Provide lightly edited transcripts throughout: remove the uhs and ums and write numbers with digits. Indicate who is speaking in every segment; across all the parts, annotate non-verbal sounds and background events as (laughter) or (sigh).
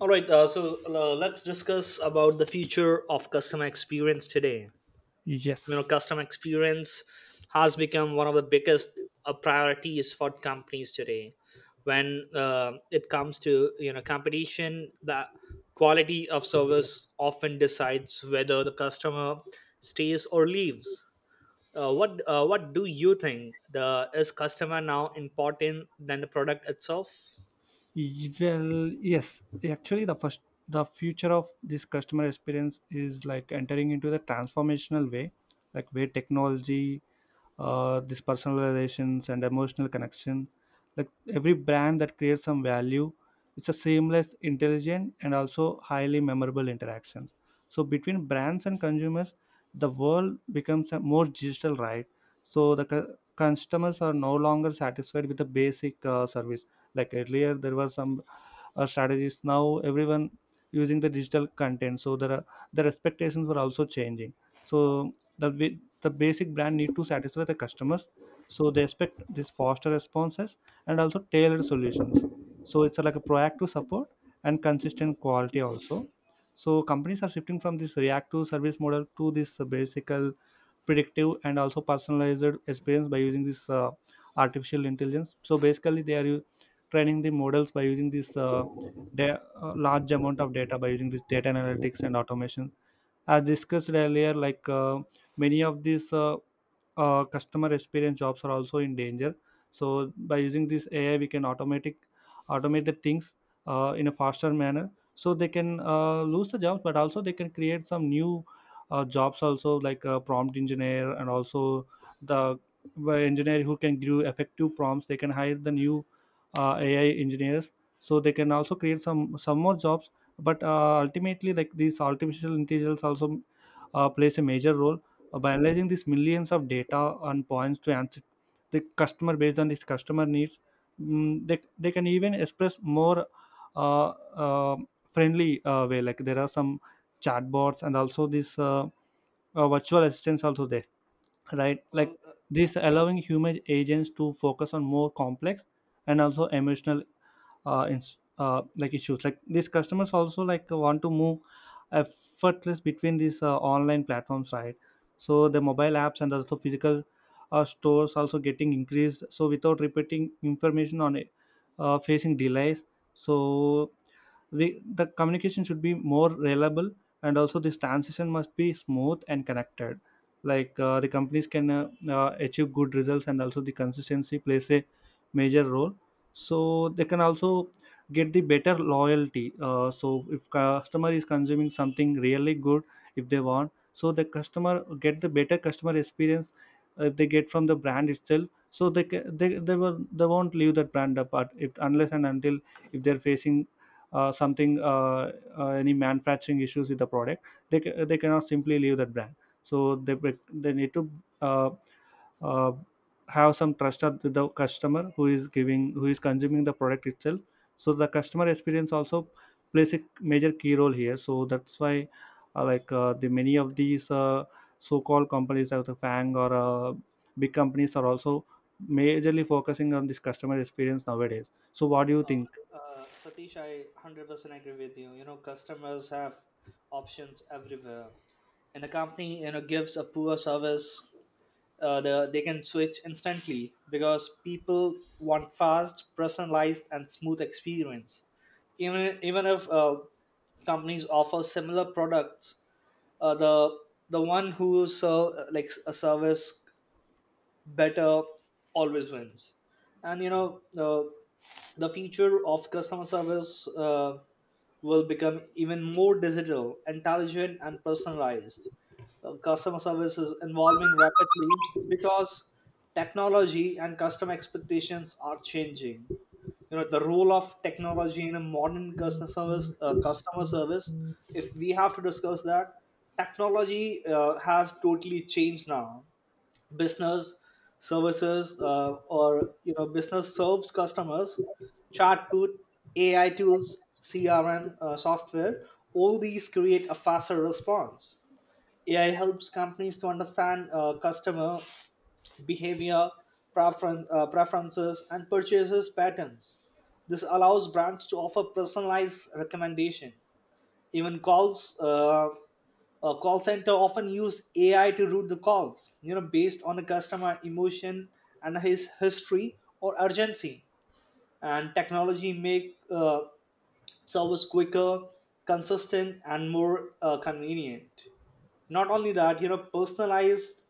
Speaker 1: All right, so Let's discuss about the future of customer experience today. You know,
Speaker 2: Yes.
Speaker 1: customer experience has become one of the biggest priorities for companies today. When It comes to you know competition, the quality of service often decides whether the customer stays or leaves. What do you think? The is customer now important than the product itself?
Speaker 2: Well, yes. Actually, the future of this customer experience is like entering into the transformational way, like where technology, this personal and emotional connection, like every brand that creates some value. It's a seamless, intelligent and also highly memorable interactions so between brands and consumers. The world becomes a more digital, right? So the customers are no longer satisfied with the basic service. Like earlier there were some strategies, now everyone using the digital content, so there are the expectations were also changing. So the wi- the basic brand need to satisfy the customers, so they expect these faster responses and also tailored solutions. So it's like a proactive support and consistent quality also. So companies are shifting from this reactive service model to this basic, predictive and also personalized experience by using this, artificial intelligence. So basically they are training the models by using this, large amount of data by using this data analytics and automation. As discussed earlier, like, many of these, customer experience jobs are also in danger. So by using this AI we can automatic automate the things in a faster manner, so they can lose the jobs, but also they can create some new, jobs also, like a prompt engineer, and also the by engineer who can give effective prompts, they can hire the new, AI engineers. So they can also create some more jobs. But ultimately, like these artificial intelligence also, plays a major role by analyzing these millions of data and points to answer the customer based on these customer needs. They can even express more, uh, uh, friendly way. Like there are some chatbots and also these, virtual assistants also there, right?
Speaker 1: Well.
Speaker 2: Like this allowing human agents to focus on more complex and also emotional, like issues. Like these customers also like want to move effortless between these, online platforms, right? So the mobile apps and also physical, stores also getting increased, so without repeating information on it, facing delays. So the communication should be more reliable and also this transition must be smooth and connected. Like, the companies can achieve good results, and also the consistency plays a major role. So they can also get the better loyalty, so if customer is consuming something really good, if they want, so the customer get the better customer experience, if they get from the brand itself. So they ca- they, will, they won't leave that brand apart, if unless and until if they're facing, something any manufacturing issues with the product, they cannot simply leave that brand. So they need to, uh, uh, have some trust with the customer who is giving, who is consuming the product itself. So the customer experience also plays a major key role here, so that's why, the many of these, so-called companies like the fang, or, big companies are also majorly focusing on this customer experience nowadays. So what do you
Speaker 1: Uh,
Speaker 2: think?
Speaker 1: Satish, I 100% agree with you. You know, customers have options everywhere. And a company, you know, gives a poor service, they can switch instantly because people want fast, personalized, and smooth experience. Even if companies offer similar products, uh, the the one who serve like a service better always wins. And you know, the future of customer service will become even more digital intelligent and personalized. Customer service is evolving rapidly because technology and customer expectations are changing. You know, the role of technology in a modern customer service, if we have to discuss that, technology has totally changed now business services, or you know business serves customers. Chatbot, AI tools, CRM software, all these create a faster response. AI helps companies to understand customer behavior, preferences and purchases patterns. This allows brands to offer personalized recommendation. Even calls, a call center often use AI to route the calls, you know, based on a customer emotion and his history or urgency. And technology make service quicker, consistent and more convenient. Not only that, you know, personalized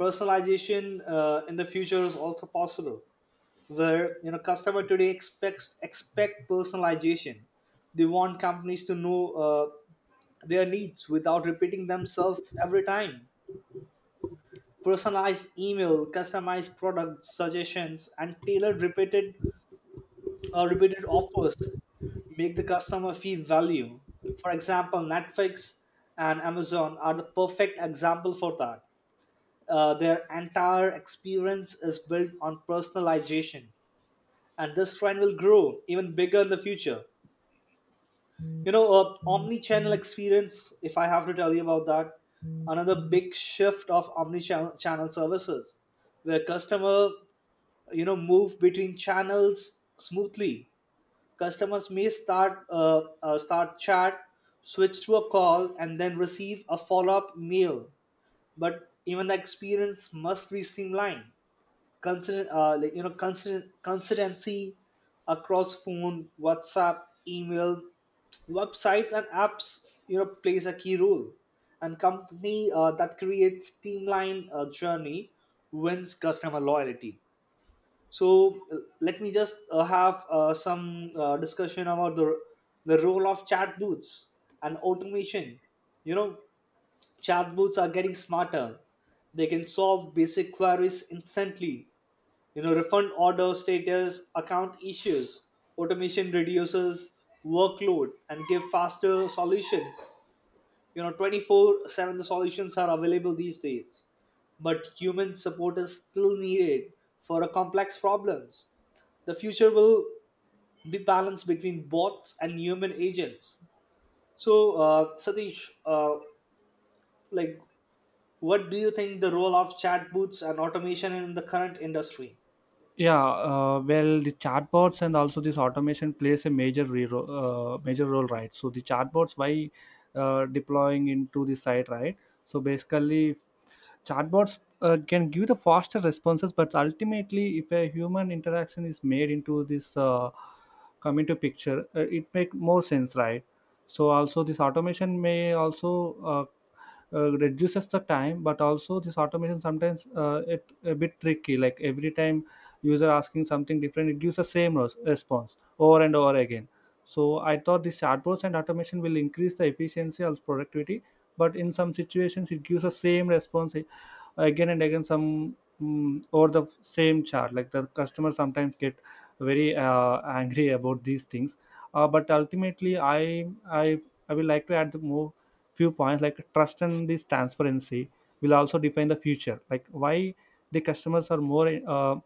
Speaker 1: personalization in the future is also possible, where you know customer today expect personalization. They want companies to know their needs without repeating themselves every time. Personalized email, customized product suggestions and tailored repeated offers make the customer feel value. For example, Netflix and Amazon are the perfect example for that. Their entire experience is built on personalization, and this trend will grow even bigger in the future. You know, omni-channel experience, if I have to tell you about that, another big shift of omni-channel services, where customer, you know, move between channels smoothly. Customers may start chat, switch to a call and then receive a follow-up mail, but even the experience must be streamlined, consistent, like you know consistent consistency across phone, WhatsApp, email, websites and apps, you know, plays a key role. And company that creates streamlined journey wins customer loyalty. So let me just have some discussion about the role of chatbots and automation. You know, chatbots are getting smarter. They can solve basic queries instantly, you know, refund, order status, account issues. Automation reduces workload and give faster solution. You know, 24/7 solutions are available these days, but human support is still needed for a complex problems. The future will be balanced between bots and human agents. So uh, satish uh, like what do you think the role of chatbots and automation in the current industry?
Speaker 2: Yeah. Well, the chatbots and also this automation plays a major role, right? So the chatbots by, deploying into the site, right? So basically chatbots can give the faster responses, but ultimately if a human interaction is made into this, come into picture, it make more sense, right? So also this automation may also, reduces the time, but also this automation sometimes, it a bit tricky. Like every time user asking something different, it gives the same response over and over again. So I thought these chatbots and automation will increase the efficiency of productivity, but in some situations it gives the same response again and again, some, over the same chart. Like the customer sometimes get very angry about these things. But ultimately, I will like to add the more few points, like trust and this transparency will also define the future. Like why the customers are more,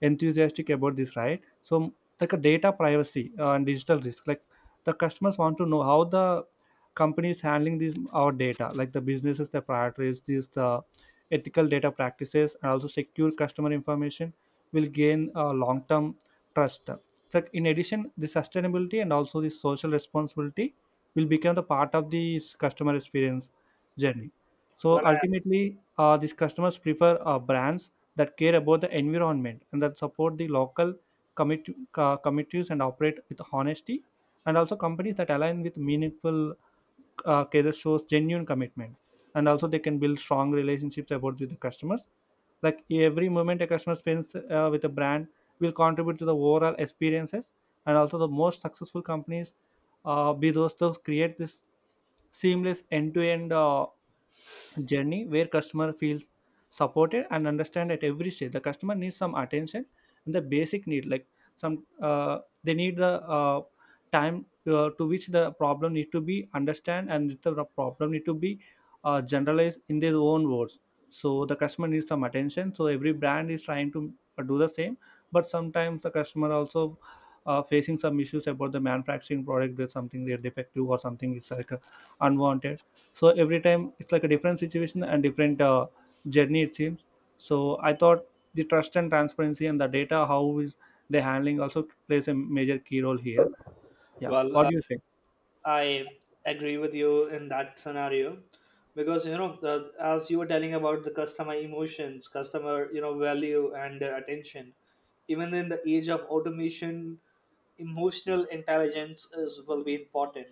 Speaker 2: enthusiastic about this, right? So like a data privacy, and digital risk, like the customers want to know how the company is handling these our data. Like the businesses the priorities these the ethical data practices, and also secure customer information will gain, long-term trust. So in addition, the sustainability and also the social responsibility will become the part of this customer experience journey.
Speaker 1: Well,
Speaker 2: So
Speaker 1: I,
Speaker 2: ultimately, these customers prefer, brands that care about the environment and that support the local, commit- committees, and operate with honesty. And also companies that align with meaningful, cases shows genuine commitment, and also they can build strong relationships about with the customers. Like every moment a customer spends, with a brand will contribute to the overall experiences. And also the most successful companies, be those that create this seamless end-to-end, journey where customer feels supported and understand at every stage. The customer needs some attention and the basic need, like some, they need the, time, to which the problem need to be understand, and the problem need to be, generalized in their own words. So the customer needs some attention, so every brand is trying to do the same. But sometimes the customer also, facing some issues about the manufacturing product, there's something they're defective or something is like, unwanted. So every time it's like a different situation and different, journey it seems. So I thought the trust and transparency, and the data how is the handling also plays a major key role here. Yeah,
Speaker 1: well,
Speaker 2: what do you say?
Speaker 1: I agree with you in that scenario, because you know as you were telling about the customer emotions, customer, you know, value and attention. Even in the age of automation, emotional intelligence is will be important.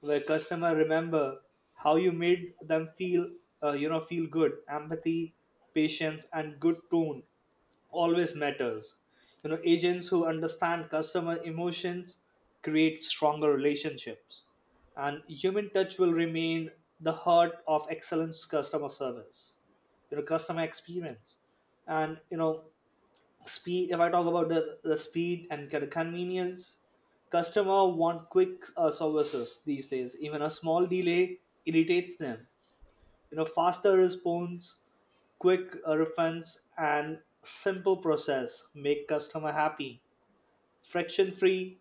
Speaker 1: Where customer remember how you made them feel, you know, feel good, empathy, patience, and good tone always matters. You know, agents who understand customer emotions create stronger relationships, and human touch will remain the heart of excellence customer service. You know, customer experience, and you know, speed. If I talk about the speed and the convenience, customer want quick services these days. Even a small delay irritates them. You know, faster response, quick refunds and simple process make customer happy. friction free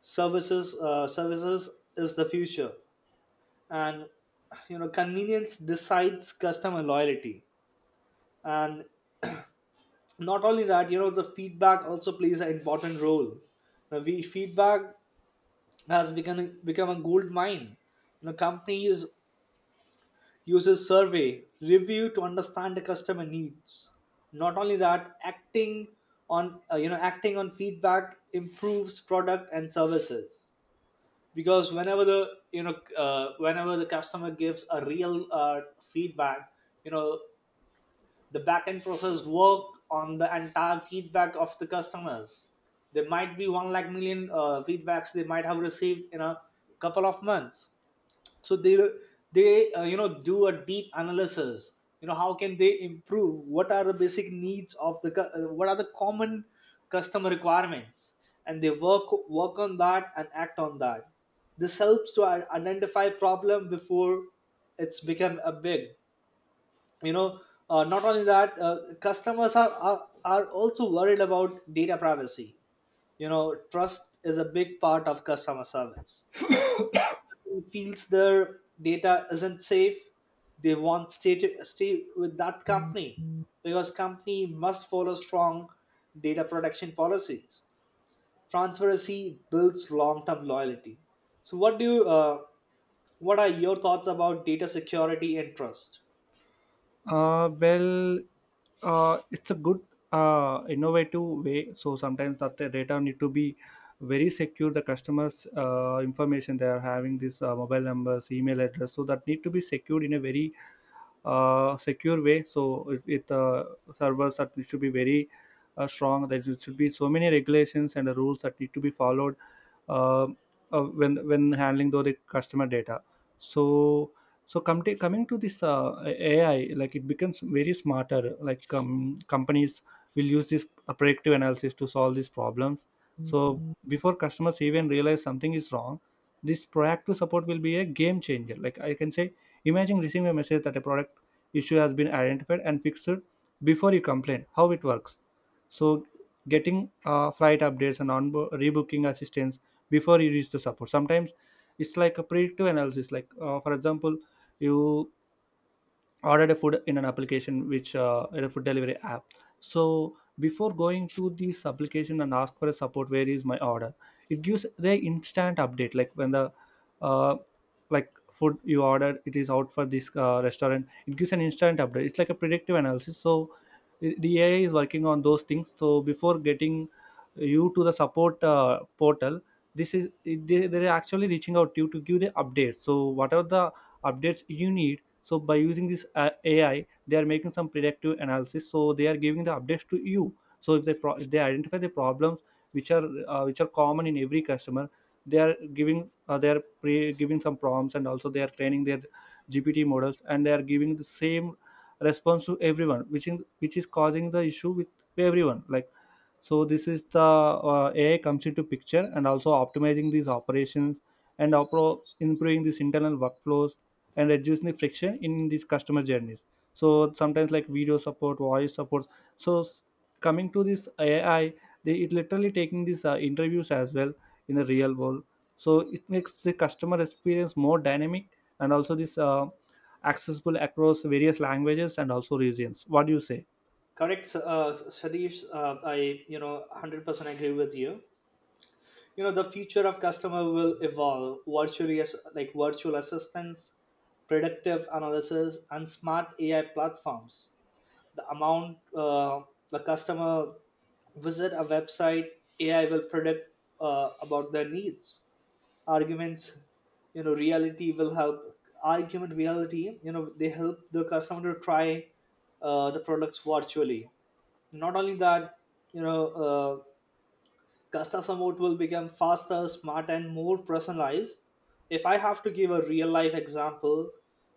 Speaker 1: services uh, services is the future, and you know convenience decides customer loyalty. And not only that, you know, the feedback also plays an important role. Now, we feedback has become a gold mine. You know, companies uses survey, review to understand the customer needs. Not only that, acting on, you know, acting on feedback improves product and services, because whenever the you know whenever the customer gives a real feedback, you know, the backend process work on the entire feedback of the customers. There might be one lakh million feedbacks they might have received in a couple of months. So they you know do a deep analysis, you know, how can they improve, what are the basic needs of the what are the common customer requirements, and they work on that and act on that. This helps to identify problem before it's become a big, you know. Not only that, uh, customers are also worried about data privacy. You know, trust is a big part of customer service. Feels their data isn't safe, they want stay with that company because company must follow strong data protection policies. Transparency builds long-term loyalty. So, what are your thoughts about data security and trust?
Speaker 2: Well, it's a good, innovative way. So sometimes that the data need to be very secure. The customers, information they are having, this, mobile numbers, email address, so that need to be secured in a very, secure way. So it servers that it should be very, strong. There should be so many regulations and rules that need to be followed, uh, when handling though the customer data. So so coming to this, AI, like it becomes very smarter. Like, companies will use this, predictive analysis to solve these problems. So before customers even realize something is wrong, this proactive support will be a game changer, like I can say. Imagine receiving a message that a product issue has been identified and fixed before you complain, how it works. So getting, flight updates and on rebooking assistance before you reach the support sometimes. It's like a predictive analysis, like, for example, you ordered a food in an application, which, in a food delivery app. So before going to this application and ask for a support where is my order, it gives the instant update. Like when the, uh, like food you ordered, it is out for this, restaurant, it gives an instant update. It's like a predictive analysis. So the AI is working on those things. So before getting you to the support, portal, this is, they're actually reaching out to you to give the updates. So whatever the updates you need, so by using this, AI they are making some predictive analysis, so they are giving the updates to you. So if if they identify the problems which are, which are common in every customer, they are giving, giving some prompts, and also they are training their GPT models, and they are giving the same response to everyone which is causing the issue with everyone, like. So this is the, AI comes into picture, and also optimizing these operations and improving these internal workflows, and reducing the friction in these customer journeys. So sometimes like video support, voice support. So coming to this AI, it literally taking these, interviews as well in the real world. So it makes the customer experience more dynamic, and also this, accessible across various languages and also regions. What do you say?
Speaker 1: Correct, Sadish. I you know 100% agree with you. You know, the future of customer will evolve virtually as like virtual assistants, predictive analysis and smart AI platforms. The amount, uh, the customer visit a website, AI will predict about their needs, arguments. You know, reality will help, argument reality, you know they help the customer to try the products virtually. Not only that, you know uh. Custom support will become faster, smart, and more personalized. If I have to give a real life example,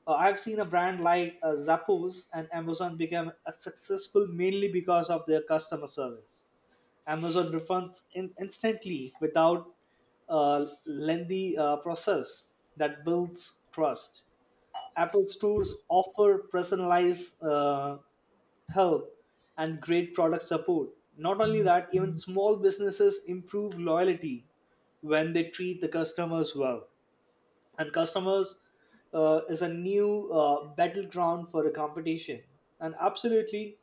Speaker 1: I've seen a brand like Zappos and Amazon become successful mainly because of their customer service. Amazon refunds instantly without a lengthy process. That builds trust. Apple stores offer personalized help and great product support. Not only that, even small businesses improve loyalty when they treat the customers well. And customers is a new battleground for the competition. And absolutely,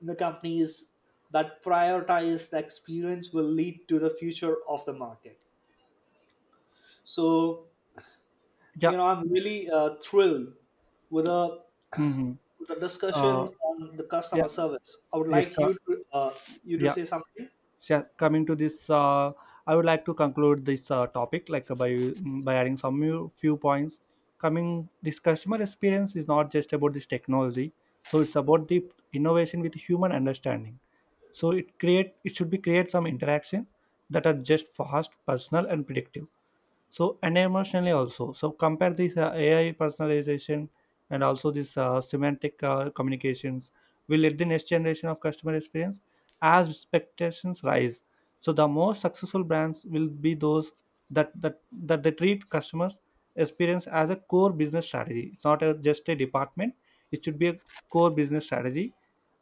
Speaker 1: the companies that prioritize the experience will lead to the future of the market. So,
Speaker 2: Yeah.
Speaker 1: you know, I'm really thrilled with a
Speaker 2: Hmm.
Speaker 1: (clears throat) with a discussion
Speaker 2: uh,
Speaker 1: on the customer
Speaker 2: yeah.
Speaker 1: service. I would
Speaker 2: Yes,
Speaker 1: like
Speaker 2: co-
Speaker 1: you to
Speaker 2: yeah.
Speaker 1: say something.
Speaker 2: So yeah, coming to this, I would like to conclude this, topic, like, by by adding some few points. Coming, this customer experience is not just about this technology, so it's about the innovation with human understanding. So it should be create some interactions that are just fast, personal, and predictive, so and emotionally also. So compare this, AI personalization, and also this, semantic, communications will lead the next generation of customer experience as expectations rise. So the most successful brands will be those that that that they treat customers experience as a core business strategy. It's not a, just a department, it should be a core business strategy.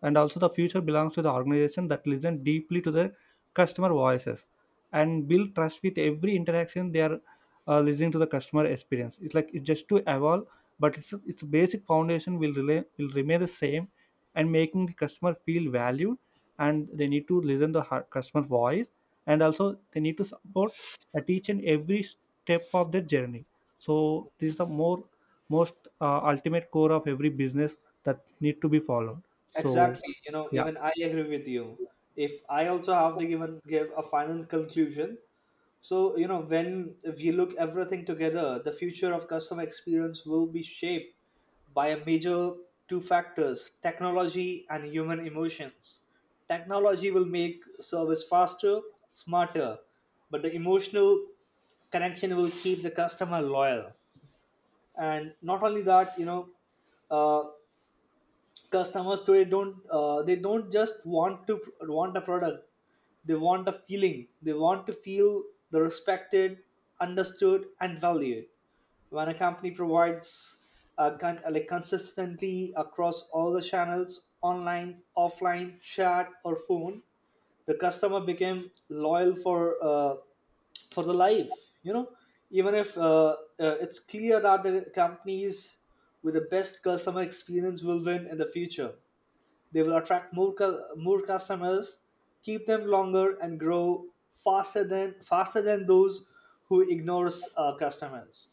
Speaker 2: And also the future belongs to the organization that listen deeply to their customer voices, and build trust with every interaction. They are, listening to the customer experience. It's like it's just to evolve, but it's its basic foundation will remain the same. And making the customer feel valued, and they need to listen the customer voice, and also they need to support at each and every step of their journey. So this is the more most, ultimate core of every business that need to be followed. So
Speaker 1: Exactly. You know,
Speaker 2: yeah.
Speaker 1: even I agree with you. If I also have to even give a final conclusion, so you know, when we look everything together, the future of customer experience will be shaped by a major two factors: technology and human emotions. Technology will make service faster, smarter, but the emotional connection will keep the customer loyal. And not only that, you know, uh customers today don't they don't just want a product. They want a feeling, they want to feel the respected, understood and valued. When a company provides like consistently across all the channels, online, offline, chat or phone, the customer became loyal for the life, you know. Even if it's clear that the companies with the best customer experience will win in the future. They will attract more customers, keep them longer and grow faster than those who ignores customers.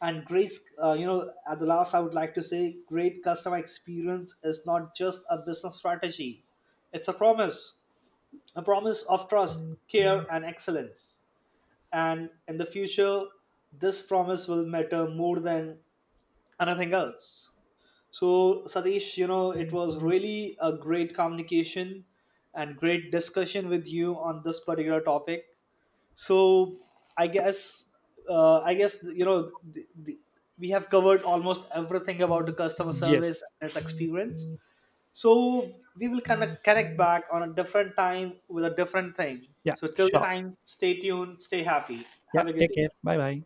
Speaker 1: And grace, you know, at the last I would like to say great customer experience is not just a business strategy, it's a promise, a promise of trust, care, and excellence. And in the future, this promise will matter more than and nothing else. So, Satish, you know, it was really a great communication and great discussion with you on this particular topic. So, I guess, I guess you know, we have covered almost everything about the customer service
Speaker 2: Yes.
Speaker 1: and its experience. So, we will kind of connect back on a different time with a different thing.
Speaker 2: Yeah,
Speaker 1: So, till the
Speaker 2: sure.
Speaker 1: time, stay tuned, stay happy,
Speaker 2: Yeah,
Speaker 1: have a good
Speaker 2: take
Speaker 1: day.
Speaker 2: care, bye bye.